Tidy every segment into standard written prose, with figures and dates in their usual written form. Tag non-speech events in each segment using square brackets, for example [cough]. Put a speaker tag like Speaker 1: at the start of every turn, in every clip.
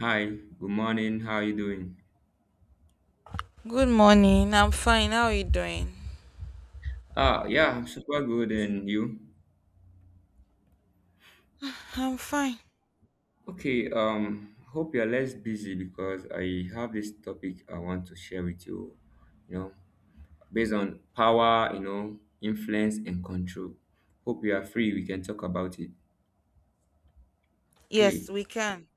Speaker 1: Hi, good morning. How are you doing?
Speaker 2: Good morning. I'm fine. How are you doing?
Speaker 1: Yeah, I'm super good. And you?
Speaker 2: [sighs] I'm fine.
Speaker 1: Okay, hope you're less busy because I have this topic I want to share with you, you know, based on power, you know, influence and control. Hope you are free. We can talk about it. Okay.
Speaker 2: Yes, we can.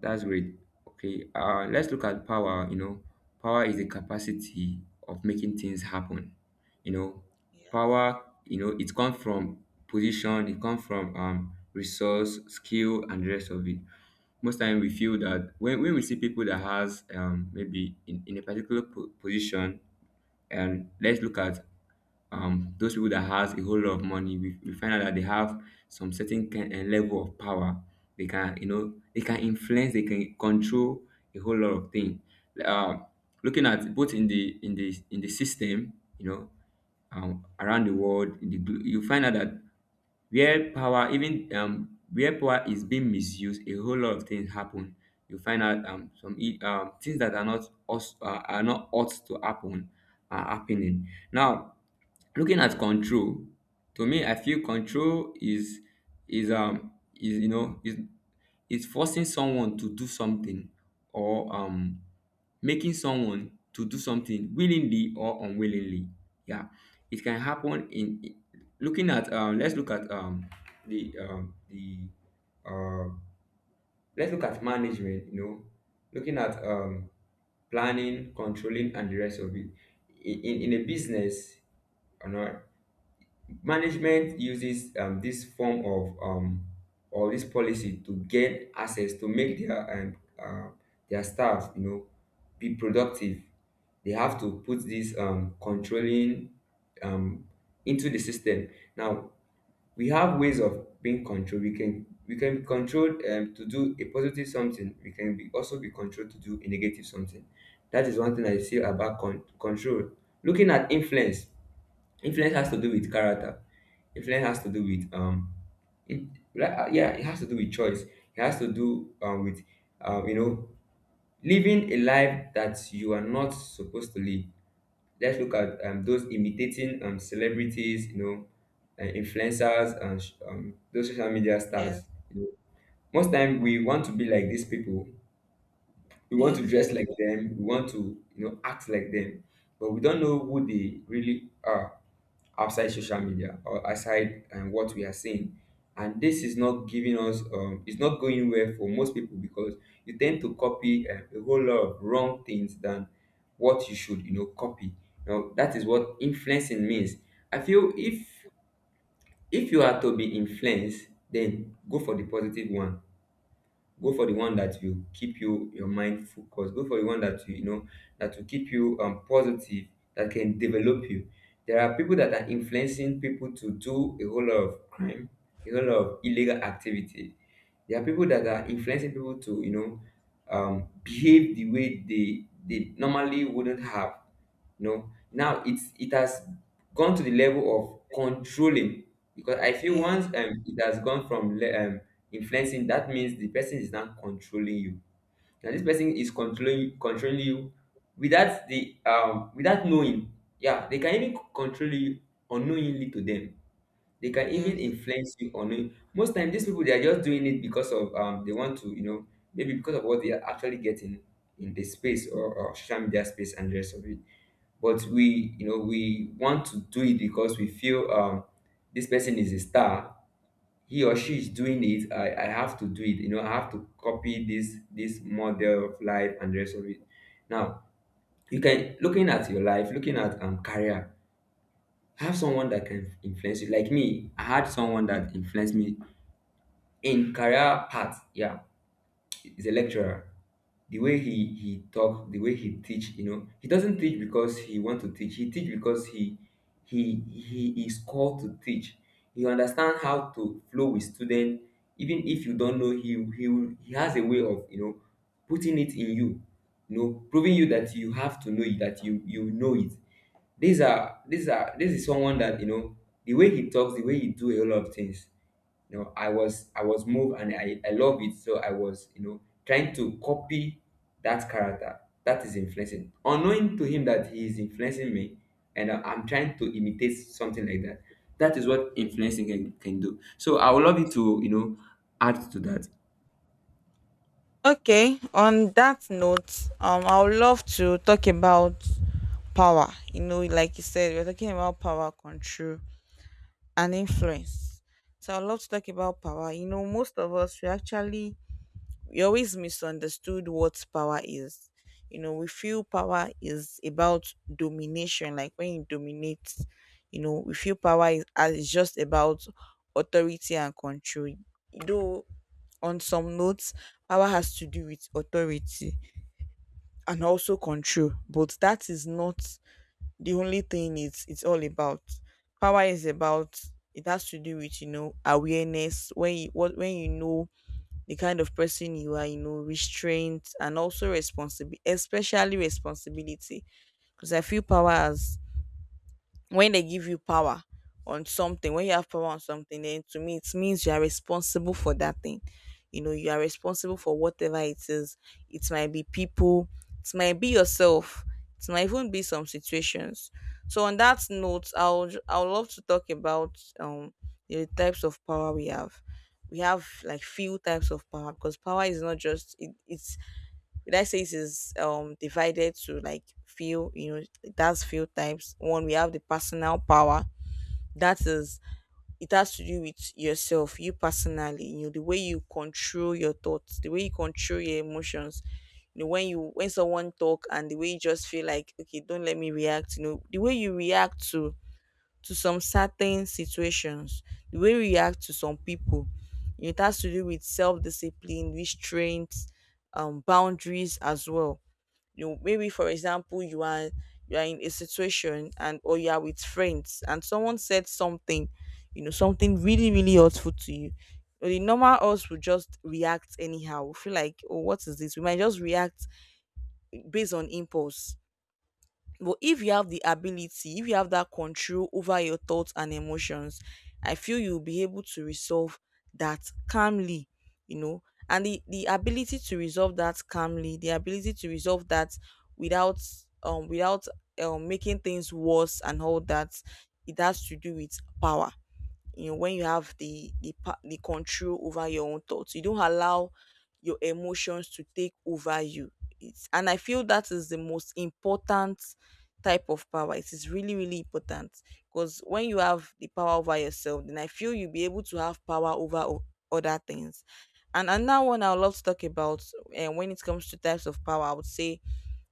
Speaker 1: That's great. Okay, let's look at power. You know, power is the capacity of making things happen. You know,
Speaker 2: Yes.
Speaker 1: power. You know, it comes from position. It comes from resource, skill, and the rest of it. Most time we feel that when we see people that has maybe in a particular position, and let's look at those people that has a whole lot of money, we find out that they have some certain kind, level of power. They can, you know, they can influence, they can control a whole lot of things. Uh, looking at both in the in the system, you know, around the world, you find out that where power even where power is being misused, a whole lot of things happen. You find out some things that are not us are not ought to happen are happening now. Looking at control, to me I feel control is is um is you know is is forcing someone to do something, or making someone to do something willingly or unwillingly. Yeah, it can happen in looking at let's look at the uh let's look at management, you know, looking at planning, controlling, and the rest of it, in a business, you know. Management uses this form of or this policy to gain access to make their staff, you know, be productive. They have to put this controlling um, into the system. Now we have ways of being controlled. We can be controlled to do a positive something. We can be also be controlled to do a negative something. That is one thing I see about control. Looking at influence, influence has to do with character. Influence has to do with it, yeah, it has to do with choice. It has to do with you know, living a life that you are not supposed to live. Let's look at those imitating celebrities, you know, influencers and those social media stars.
Speaker 2: Yes.
Speaker 1: You know, most time we want to be like these people. We want to
Speaker 2: Yes.
Speaker 1: dress like them. We want to, you know, act like them, but we don't know who they really are outside social media, or aside what we are seeing. And this is not giving us it's not going well for most people, because you tend to copy a whole lot of wrong things than what you should, you know, copy. Now that is what influencing means. I feel if you are to be influenced, then go for the positive one. Go for the one that will keep your mind focused. Go for the one that you know, that will keep you positive, that can develop you. There are people that are influencing people to do a whole lot of crime, a whole lot of illegal activity. There are people that are influencing people to, you know, behave the way they normally wouldn't have. You know, now it's it has gone to the level of controlling, because I feel
Speaker 2: Yes.
Speaker 1: once it has gone from influencing, that means the person is now controlling you. Now this person is controlling you without the without knowing. Yeah, they can even control you unknowingly to them. They can even
Speaker 2: Yes.
Speaker 1: influence you unknowingly. Most time these people, they are just doing it because of they want to, you know, maybe because of what they are actually getting in the space, or social media space and the rest of it. But we, you know, we want to do it because we feel this person is a star. He or she is doing it, I have to do it. You know, I have to copy this model of life and the rest of it. Now you can, looking at your life, looking at career, have someone that can influence you. Like me, I had someone that influenced me in career path. Yeah, is a lecturer. The way he talk, the way he teach, you know, he doesn't teach because he want to teach. He teach because he is called to teach. He understand how to flow with student, even if you don't know. He has a way of, you know, putting it in you, you know, proving you that you have to know it, that you know it. These are This is someone that, you know, the way he talks, the way he do a lot of things, you know, I was moved and I love it. So I was, you know, trying to copy that character, that is influencing, unknowing to him that he is influencing me. And I'm trying to imitate something like that. That is what influencing can do. So I would love you to, you know, add to that.
Speaker 2: Okay. On that note, I would love to talk about power. You know, like you said, we're talking about power, control, and influence. So I'd love to talk about power. You know, most of us we always misunderstood what power is. You know, we feel power is about domination, like when you dominate, you know, we feel power is as just about authority and control. Though on some notes, power has to do with authority and also control, but that is not the only thing it's all about. Power is about, it has to do with, you know, awareness, when you, what when you know the kind of person you are, you know, restraint and also responsibility, especially responsibility. Because I feel power has when they give you power on something, when you have power on something, then to me it means you are responsible for that thing. You know, you are responsible for whatever it is. It might be people, it might be yourself, it might even be some situations. So on that note, I will love to talk about the types of power we have. We have like few types of power because power is not just it's would I say it is divided to like feel, you know, that's few types. One, we have the personal power. That is, it has to do with yourself, you personally, you know, the way you control your thoughts, the way you control your emotions. You know, when someone talk and the way you just feel like, okay, don't let me react, you know, the way you react to some certain situations, the way you react to some people. You know, it has to do with self discipline, restraint, boundaries as well. You, maybe for example, you are in a situation, and or you are with friends and someone said something, you know, something really really hurtful to you, or the normal us will just react anyhow, we feel like, oh, what is this, we might just react based on impulse. But if you have the ability, if you have that control over your thoughts and emotions, I feel you'll be able to resolve that calmly, you know. And the ability to resolve that calmly, the ability to resolve that without without making things worse and all that, it has to do with power. You know, when you have the control over your own thoughts, you don't allow your emotions to take over you. And I feel that is the most important type of power. It is really really important, because when you have the power over yourself, then I feel you'll be able to have power over other things. And another one I would love to talk about, and when it comes to types of power, I would say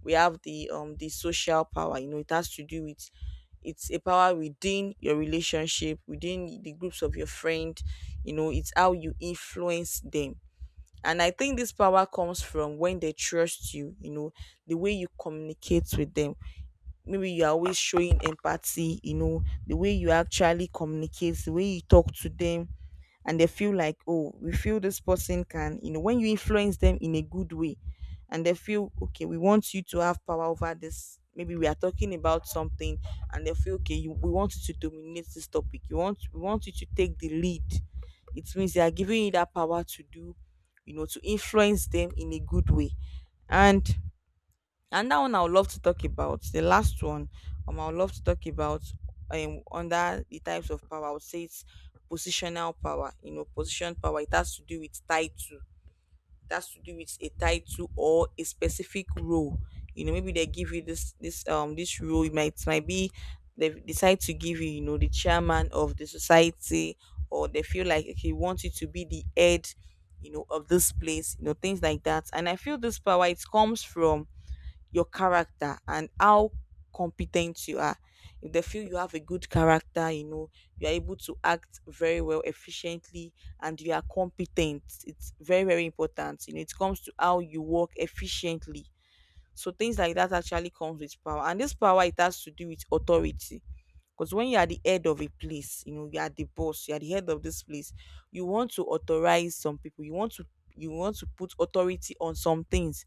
Speaker 2: we have the social power. You know, it has to do with, it's a power within your relationship, within the groups of your friend. You know, it's how you influence them. And I think this power comes from when they trust you, you know, the way you communicate with them. Maybe you're always showing empathy, you know, the way you actually communicate, the way you talk to them, and they feel like, oh, we feel this person can, you know, when you influence them in a good way, and they feel, okay, we want you to have power over this. Maybe we are talking about something, and they feel, okay, you, we want you to dominate this topic, you want, we want you to take the lead. It means they are giving you that power to do, you know, to influence them in a good way. And that one I would love to talk about. The last one, I would love to talk about under the types of power. I would say it's positional power. You know, position power. It has to do with title. It has to do with a title or a specific role. You know, maybe they give you this this role. It might be they decide to give you, you know, the chairman of the society, or they feel like, okay, we want you to be the head, you know, of this place, you know, things like that. And I feel this power, it comes from your character and how competent you are. If they feel you have a good character, you know, you are able to act very well, efficiently, and you are competent. It's very, very important. You know, it comes to how you work efficiently. So things like that actually comes with power. And this power, it has to do with authority. Because when you are the head of a place, you know, you are the boss, you are the head of this place, you want to authorize some people, you want to put authority on some things,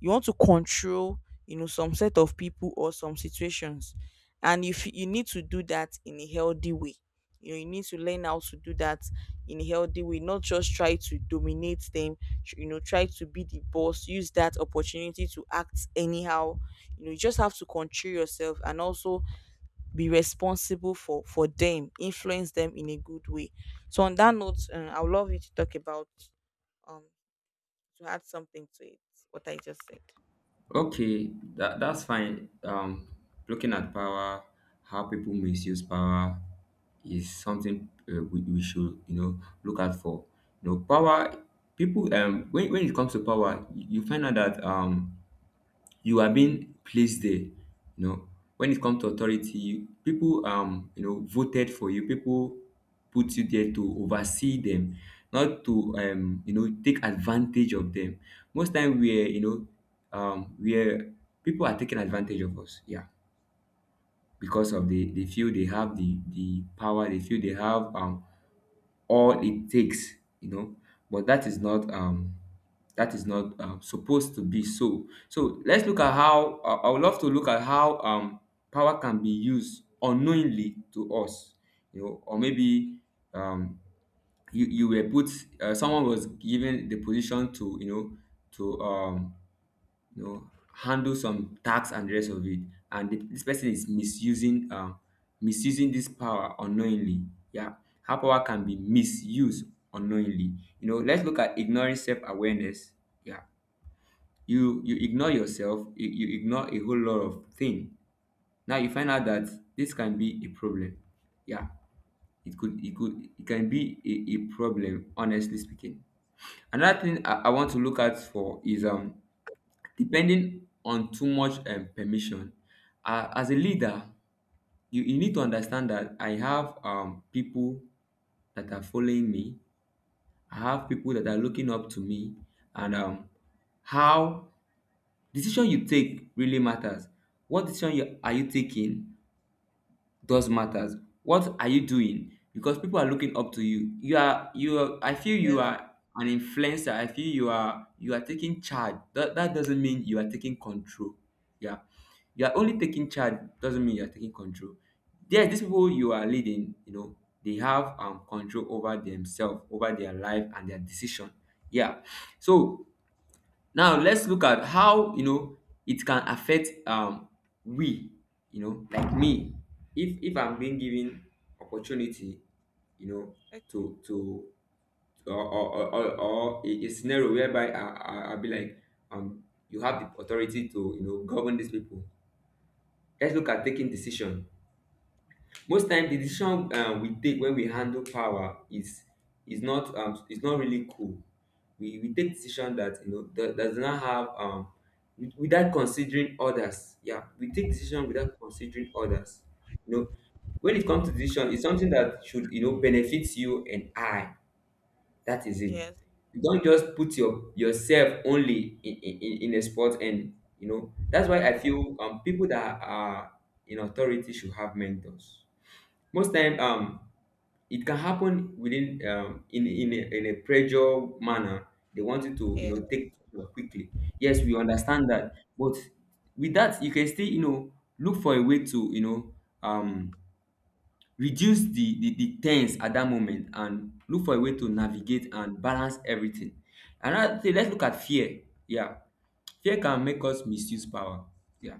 Speaker 2: you want to control, you know, some set of people or some situations. And if you need to do that in a healthy way. You know, you need to learn how to do that in a healthy way, not just try to dominate them, you know, try to be the boss, use that opportunity to act anyhow. You know, you just have to control yourself and also be responsible for them, influence them in a good way. So on that note, I would love you to talk about, um to add something to it, what I just said.
Speaker 1: Okay, that's fine. Looking at power, how people misuse power is something we should, you know, look out for. You know, power, people when it comes to power, you find out that you are being placed there. You know, when it comes to authority, you, people you know, voted for you. People put you there to oversee them, not to you know, take advantage of them. Most time we're, you know, we're people are taking advantage of us. Yeah, because of the they feel they have the power. They feel they have all it takes, you know. But that is not supposed to be so. So let's look at how I would love to look at how power can be used unknowingly to us. You know, or maybe um you you were put, someone was given the position to, you know, to you know, handle some tax and the rest of it, and this person is misusing misusing this power unknowingly. Yeah. How power can be misused unknowingly. You know, let's look at ignoring self-awareness. Yeah, you ignore yourself, you ignore a whole lot of things. Now you find out that this can be a problem. Yeah, it can be a problem, honestly speaking. Another thing I want to look at for is depending on too much permission, as a leader. You need to understand that I have people that are following me. I have people that are looking up to me, and how decision you take really matters. What decision you are you taking does matters. What are you doing? Because people are looking up to you. You are, I feel you
Speaker 2: Yes.
Speaker 1: are an influencer. I feel you are taking charge. That doesn't mean you are taking control. Yeah. You are only taking charge, doesn't mean you are taking control. Yes, these people you are leading, you know, they have control over themselves, over their life and their decision. Yeah. So now let's look at how, you know, it can affect we, you know, like me. If I'm being given opportunity, you know,
Speaker 2: Okay.
Speaker 1: to or or, or, or or a scenario whereby I'll be like, um you have the authority to, you know, govern these people. Let's look at taking decision. Most time the decision we take when we handle power is not is not really cool. We take decision that you know that does not have without considering others. Yeah, we take decision without considering others, you know. When it comes to decision, it's something that should you know benefit you and i. That is it.
Speaker 2: Yes,
Speaker 1: You don't just put yourself only in in a spot, and you know that's why I feel people that are in authority should have mentors. Most time it can happen within in in a pressure manner. They want you to you
Speaker 2: yes.
Speaker 1: know take decision quickly. Yes, we understand that, but with that you can still you know look for a way to um reduce the tense at that moment, and look for a way to navigate and balance everything. Another thing, let's look at fear. Yeah, fear can make us misuse power. Yeah,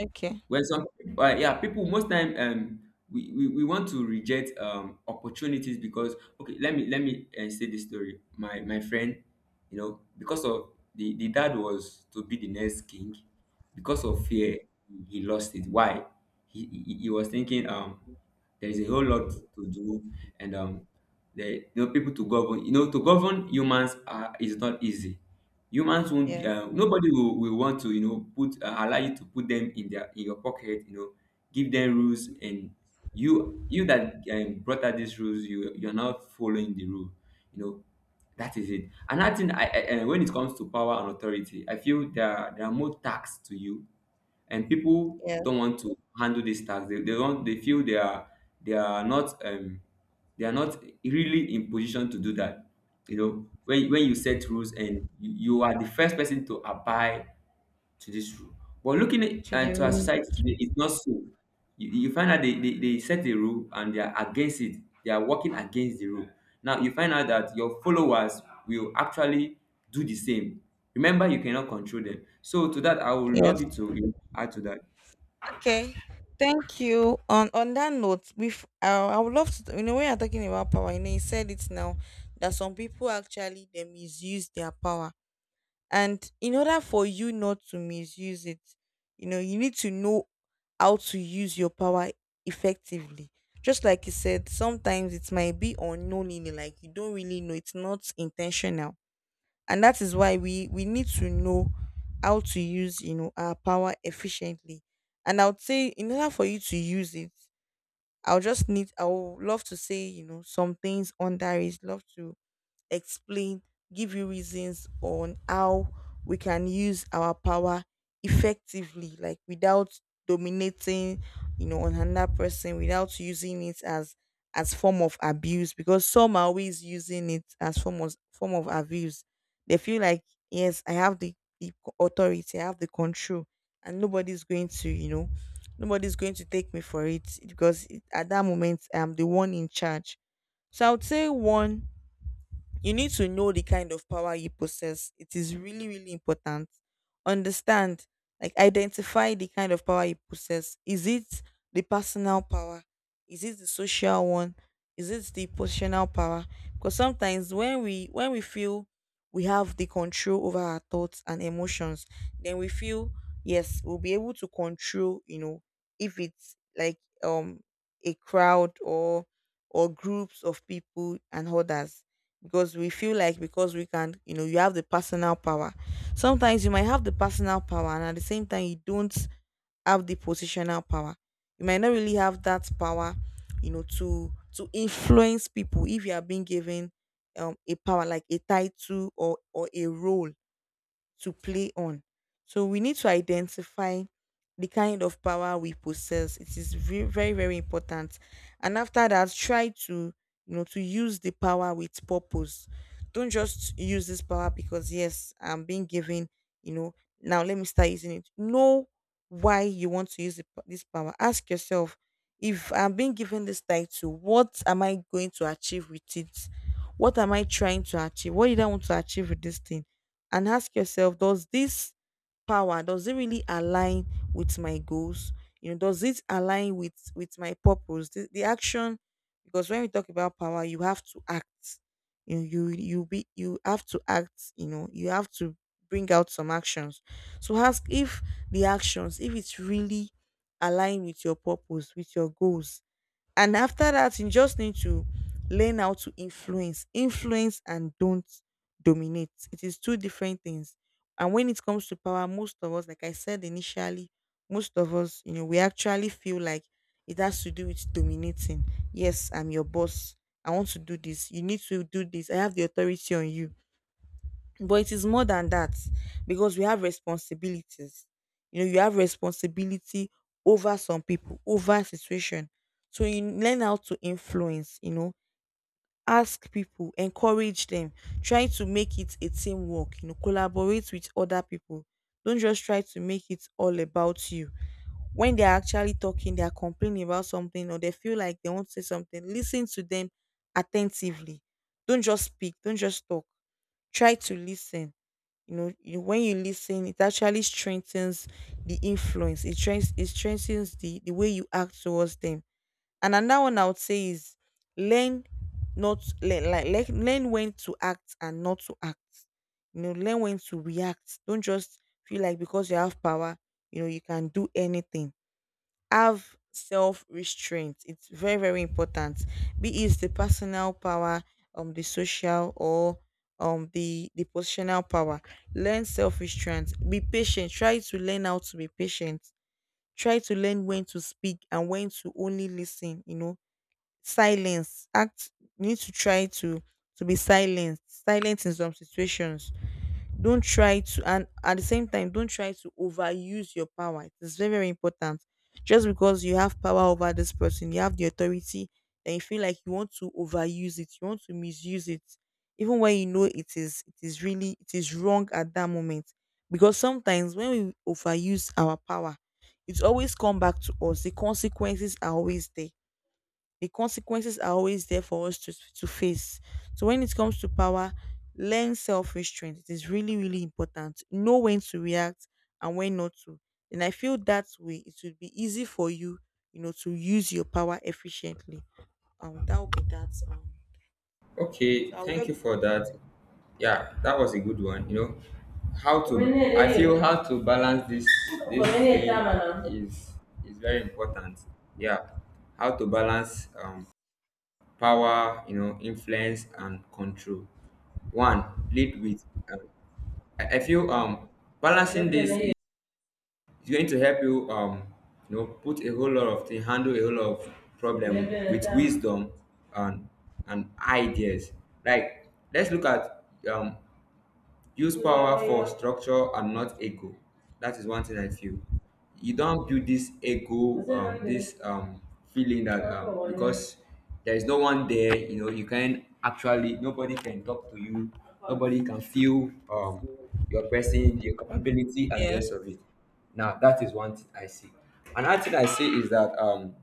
Speaker 2: Okay.
Speaker 1: well, some yeah, people most time we want to reject opportunities because okay, let me say this story. My friend, you know, because of the dad was to be the next king, because of fear, he lost it. Why? He was thinking, there is a whole lot to do. And the you know, people to govern, you know, to govern humans are, is not easy. Humans won't
Speaker 2: Yes.
Speaker 1: nobody will want to you know put allow you to put them in their in your pocket, you know. Give them rules and you that brought out these rules, you you're not following the rule, you know. That is it. Another thing, when it comes to power and authority, I feel there are more tasks to you, and people
Speaker 2: Yes.
Speaker 1: don't want to handle these tasks. They don't. They feel they are not um they are not really in position to do that. You know, when you set rules, and you are the first person to abide to this rule. But looking
Speaker 2: To the
Speaker 1: at, to our
Speaker 2: room.
Speaker 1: society today, it's not so. You find out they set a rule and they are against it. They are working against the rule. Now you find out that your followers will actually do the same. Remember, you cannot control them. So to that, I would love
Speaker 2: Yes.
Speaker 1: you to you know, add to that.
Speaker 2: Okay. Thank you. On that note, with I would love to. You know, we are talking about power. You know, you said it now that some people actually they misuse their power. And in order for you not to misuse it, you know, you need to know how to use your power effectively. Just like you said, sometimes it might be unknowingly, like you don't really know, it's not intentional. And that is why we need to know how to use, you know, our power efficiently. And I would say in order for you to use it, I'll just need I would love to say, you know, some things under it, love to explain, give you reasons on how we can use our power effectively, like without dominating, you know, on another person, without using it as form of abuse. Because some are always using it as form of abuse. They feel like, yes, I have the authority, I have the control, and nobody's going to, you know, nobody's going to take me for it, because at that moment I'm the one in charge. So I would say, one, you need to know the kind of power you possess. It is really, really important. Understand, like identify the kind of power you possess. Is it the personal power? Is it the social one? Is it the positional power? Because sometimes when we feel we have the control over our thoughts and emotions, then we feel, yes, we'll be able to control, you know, if it's like um a crowd or groups of people and others, because we feel like because we can, you know, you have the personal power. Sometimes you might have the personal power, and at the same time you don't have the positional power, you might not really have that power, you know, to influence people if you are being given a power like a title or a role to play on. So we need to identify the kind of power we possess. It is very, very, very important. And after that, try to, you know, to use the power with purpose. Don't just use this power because, yes, I'm being given. You know, now let me start using it. Know why you want to use this power. Ask yourself, if I'm being given this title, what am I going to achieve with it? What am I trying to achieve? What did I want to achieve with this thing? And ask yourself, does this power, does it really align with my goals, you know, does it align with my purpose, the action. Because when we talk about power, you have to act, you know, you have to act, you know, you have to bring out some actions. So ask if the actions, if it's really align with your purpose, with your goals. And after that, you just need to learn how to influence. Influence and don't dominate. It is two different things. And when it comes to power, most of us, like I said initially, most of us, you know, we actually feel like it has to do with dominating. Yes, I'm your boss. I want to do this. You need to do this. I have the authority on you, but it is more than that because we have responsibilities. You know, you have responsibility over some people, over a situation. So you learn how to influence, you know, ask people, encourage them, try to make it a teamwork, you know, collaborate with other people. Don't just try to make it all about you. When they're actually talking, they're complaining about something or they feel like they want to say something, listen to them attentively. Don't just speak, don't just talk. Try to listen. You know, you, when you listen, it actually strengthens the influence. It strengthens the way you act towards them. And another one I would say is learn, not learn, like, learn when to act and not to act. You know, learn when to react. Don't just feel like because you have power, you know, you can do anything. Have self restraint. It's very, very important. Be it the personal power, the social, or the positional power. Learn self restraint. Be patient. Try to learn how to be patient. Try to learn when to speak and when to only listen. You know, silence. Act. You need to try to be silent. Silent in some situations. Don't try to, and at the same time don't try to overuse your power. It's very, very important. Just because you have power over this person, you have the authority, then you feel like you want to overuse it, you want to misuse it, even when you know it is really, it is wrong at that moment. Because sometimes when we overuse our power, it's always come back to us. The consequences are always there. The consequences are always there for us to face. So when it comes to power, learn self-restraint. It is really, really important. Know when to react and when not to. And I feel that way it will be easy for you, you know, to use your power efficiently. That would be that.
Speaker 1: Okay,
Speaker 2: So I would love.
Speaker 1: thank you for that. Yeah, that was a good one. You know, how to I feel how to balance this this thing is very important. Yeah, how to balance power, you know, influence and control. One, lead with. Um, I feel balancing this is going to help you you know put a whole lot of thing, handle a whole lot of problem with wisdom and and ideas. Like let's look at um use power for structure and not ego. That is one thing I feel, you don't build this ego this feeling that because there is no one there, you know, you can actually nobody can talk to you, nobody can feel your person, your capability and the
Speaker 2: Yes,
Speaker 1: rest of it. Now that is one thing I see. Another thing I see is that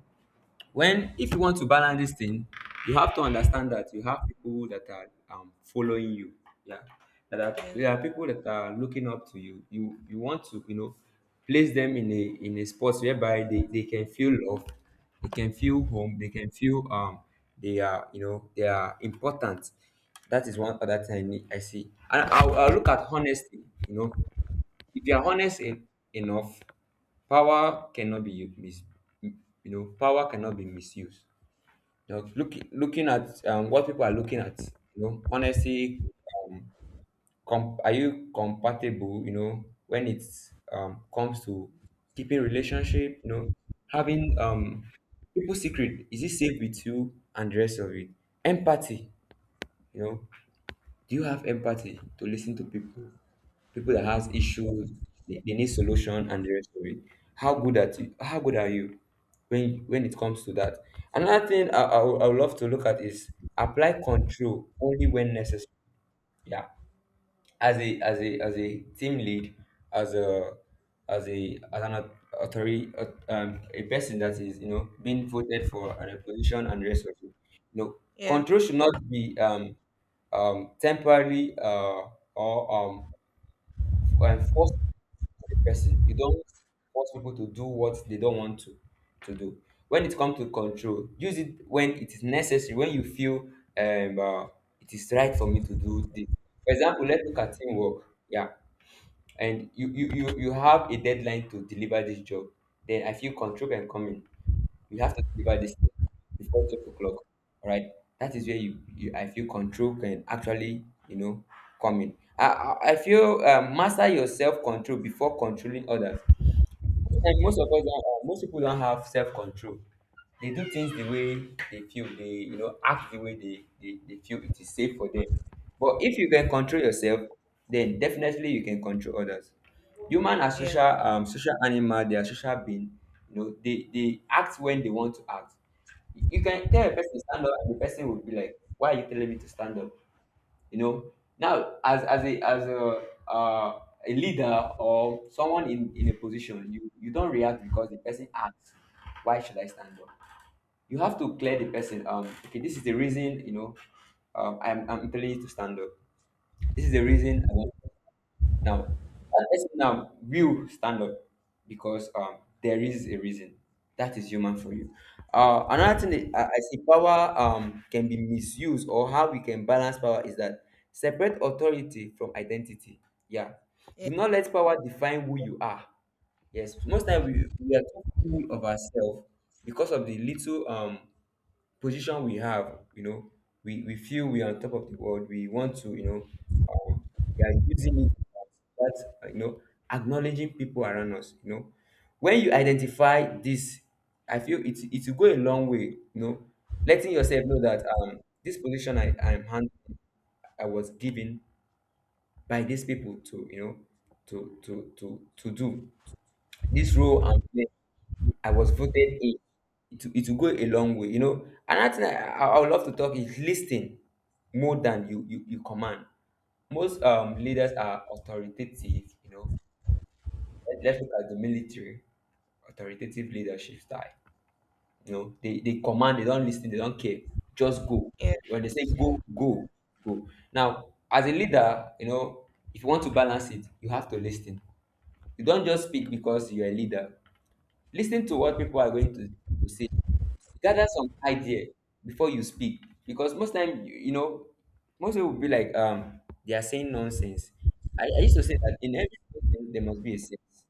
Speaker 1: when if you want to balance this thing, you have to understand that you have people that are following you. Yeah, that are
Speaker 2: yes,
Speaker 1: there are people that are looking up to you. You want to you know place them in a spot whereby they can feel love, they can feel home, they can feel they are you know they are important. That is one other thing I see. And I'll look at honesty, you know. If you are enough, power cannot be u- mis you know power cannot be misused, you know. Looking at what people are looking at, you know. Honesty. Are you compatible, you know, when it comes to keeping relationship, you know, having people secret, is it safe with you and the rest of it? Empathy, you know. Do you have empathy to listen to people, people that has issues? They need solution and the rest of it. How good at you, how good are you when it comes to that? Another thing I would love to look at is apply control only when necessary. Yeah, as a as a as a team lead, as a as an authority, a person that is you know being voted for an position and the rest of it, you know.
Speaker 2: yes,
Speaker 1: Control should not be temporary or enforced the person. You don't force people to do what they don't want to do. When it comes to control, use it when it is necessary. When you feel um uh, it is right for me to do this. For example, let's look at teamwork. Yeah, and you have a deadline to deliver this job. Then I feel control can come in. You have to deliver this thing before 12 o'clock. All right, that is where you I feel control can actually you know come in. I feel master your self control before controlling others. Most of us don't most people don't have self-control. They do things the way they feel they you know act the way they feel it is safe for them. But if you can control yourself, then definitely you can control others. Human are
Speaker 2: yes,
Speaker 1: social social animal, they are social being, you know. They act when they want to act. You can tell a person stand up and the person will be like, why are you telling me to stand up? You know, now as as uh, a leader or someone in a position, you don't react because the person asks, why should I stand up? You have to clear the person, okay, this is the reason, you know, I'm telling you to stand up. This is the reason I now, let's now will stand up because there is a reason. That is human for you. Another thing that I see power can be misused, or how we can balance power is that separate authority from identity. Yeah.
Speaker 2: yes,
Speaker 1: Do not let power define who you are. Yes. Most time we are too full of ourselves because of the little position we have, you know. We feel we are on top of the world. We want to, you know, um, we are using it that, you know, acknowledging people around us, you know. When you identify this, I feel it will go a long way, you know, letting yourself know that this position I was given by these people to, you know, to do this role and I was voted in. It will go a long way, you know. Another thing I would love to talk is listening more than you command. Most leaders are authoritative, you know. Let's look at the military authoritative leadership style. You know, they command, they don't listen, they don't care. Just go.
Speaker 2: yes,
Speaker 1: When they say go, go, go. Now, as a leader, you know, if you want to balance it, you have to listen. You don't just speak because you're a leader. Listen to what people are going to say. Gather some idea before you speak, because most time you know most people will be like they are saying nonsense. I used to say that in every nonsense there must be a sense.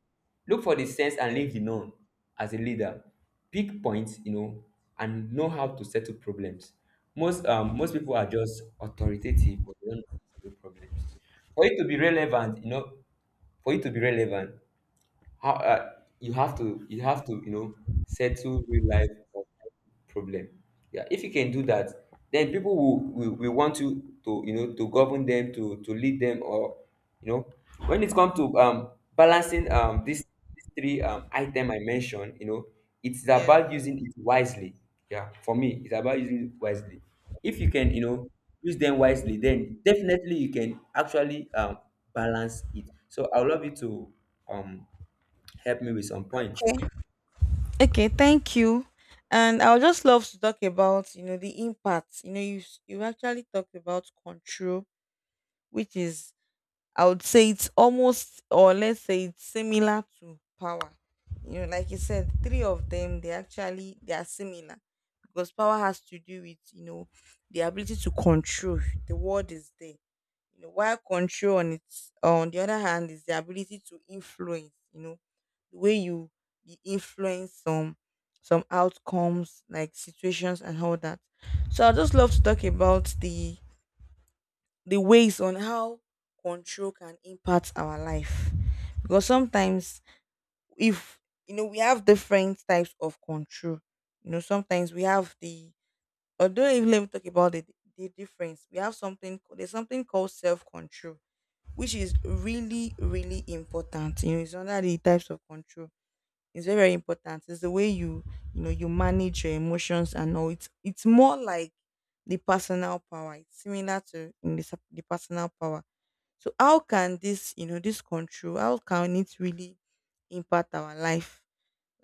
Speaker 1: Look for the sense and
Speaker 2: yes,
Speaker 1: leave the none. As a leader, pick points, you know, and know how to settle problems. Most most people are just authoritative, but they don't know how to settle problems for it to be relevant, you know. For it to be relevant, how you have to you know settle real life problem. Yeah, if you can do that, then people will want you to you know to govern them, to lead them, or you know. When it comes to balancing these three item I mentioned, you know, it's about
Speaker 2: yes.
Speaker 1: using it wisely. Yeah, for me, it's about using it wisely. If you can, you know, use them wisely, then definitely you can actually balance it. So I would love you to um help me with some points.
Speaker 2: Okay. Okay, thank you. And I would just love to talk about, you know, the impact. You know, you actually talked about control, which is, I would say it's almost, or let's say it's similar to power. You know, like you said, three of them, they actually they are similar because power has to do with, you know, the ability to control. The word is there. You know, while control on its, on the other hand, is the ability to influence. You know, the way you, you influence some outcomes like situations and all that. So I just love to talk about the ways on how control can impact our life. Because sometimes, if, you know, we have different types of control. You know, sometimes we have the, although, if let me talk about the difference. We have something, there's something called self control, which is really, really important. You know, it's under the types of control. It's very, very important. It's the way you, you know, you manage your emotions and all. It's more like the personal power. It's similar to, in the, the personal power. So how can this, you know, this control, how can it really impact our life?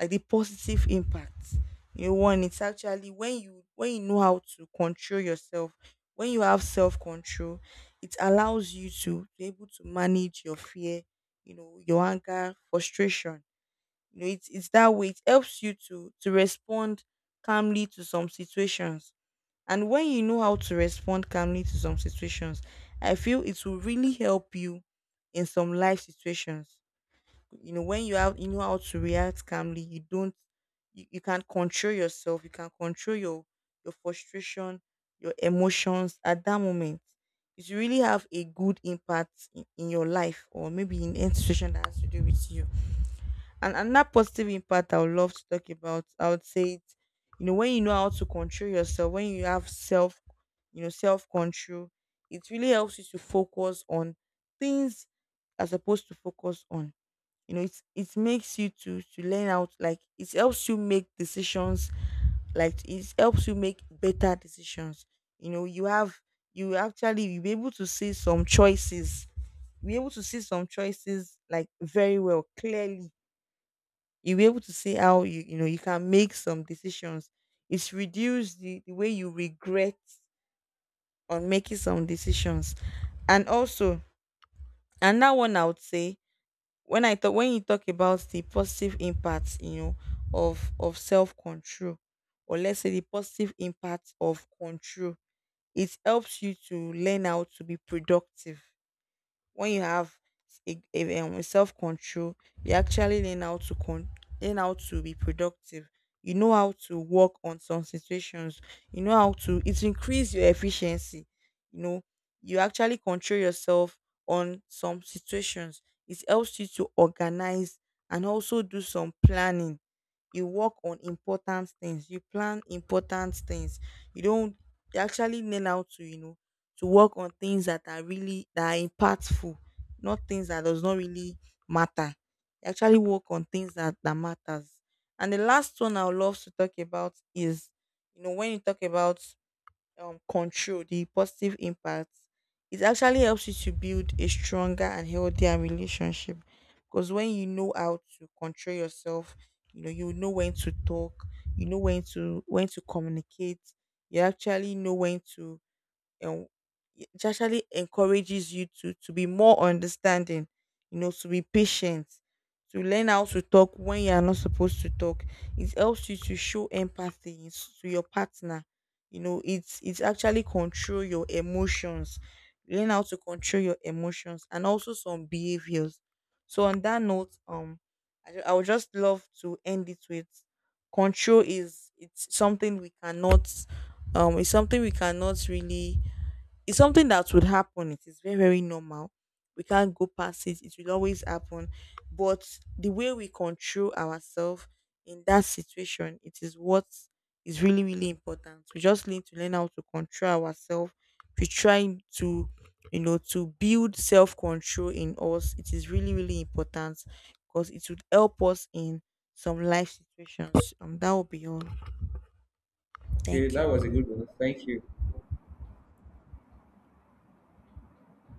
Speaker 2: Like the positive impact. You know, one, it's actually when you, when you know how to control yourself, when you have self-control, it allows you to be able to manage your fear, you know, your anger, frustration. You know, it's that way. It helps you to respond calmly to some situations. And when you know how to respond calmly to some situations, I feel it will really help you in some life situations. You know, when you have, you know how to react calmly, you don't, you can control yourself, you can control your frustration, your emotions at that moment. It will really have a good impact in your life, or maybe in any situation that has to do with you. And another positive impact I would love to talk about, I would say it, you know, when you know how to control yourself, when you have self, you know, self control, it really helps you to focus on things as opposed to focus on. You know, it's, it makes you to learn out, like, it helps you make decisions, like it helps you make better decisions. You know, you have, you actually, you be able to see some choices, be able to see some choices like very well, clearly. You'll be able to see how you, you know, you can make some decisions. It's reduced the way you regret on making some decisions. And also, another one I would say, when I talk, when you talk about the positive impact, you know, of self-control, or let's say the positive impact of control, it helps you to learn how to be productive. When you have a self control, you actually learn learn how to be productive. You know how to work on some situations. You know how to, it increase your efficiency. You know, you actually control yourself on some situations. It helps you to organize and also do some planning. You work on important things, you plan important things. You don't, you actually learn how to, you know, to work on things that are really, that are impactful, not things that does not really matter. You actually work on things that, that matters. And the last one I would love to talk about is, you know, when you talk about control, the positive impacts, it actually helps you to build a stronger and healthier relationship. Because when you know how to control yourself, you know, you know when to talk, you know when to, when to communicate, you actually know when to. And it actually encourages you to be more understanding, you know, to be patient, to learn how to talk when you are not supposed to talk. It helps you to show empathy to your partner. You know, it's actually control your emotions. Learn how to control your emotions and also some behaviors. So on that note, I would just love to end it with, control is, it's something we cannot, it's something we cannot really, it's something that would happen. It is very, very normal. We can't go past it. It will always happen. But the way we control ourselves in that situation, it is what is really, really important. We just need to learn how to control ourselves. We try to, you know, to build self control in us. It is really, really important because it would help us in some life situations. That will be all.
Speaker 1: Okay,
Speaker 2: Thank
Speaker 1: that was
Speaker 2: you.
Speaker 1: a good one. Thank you.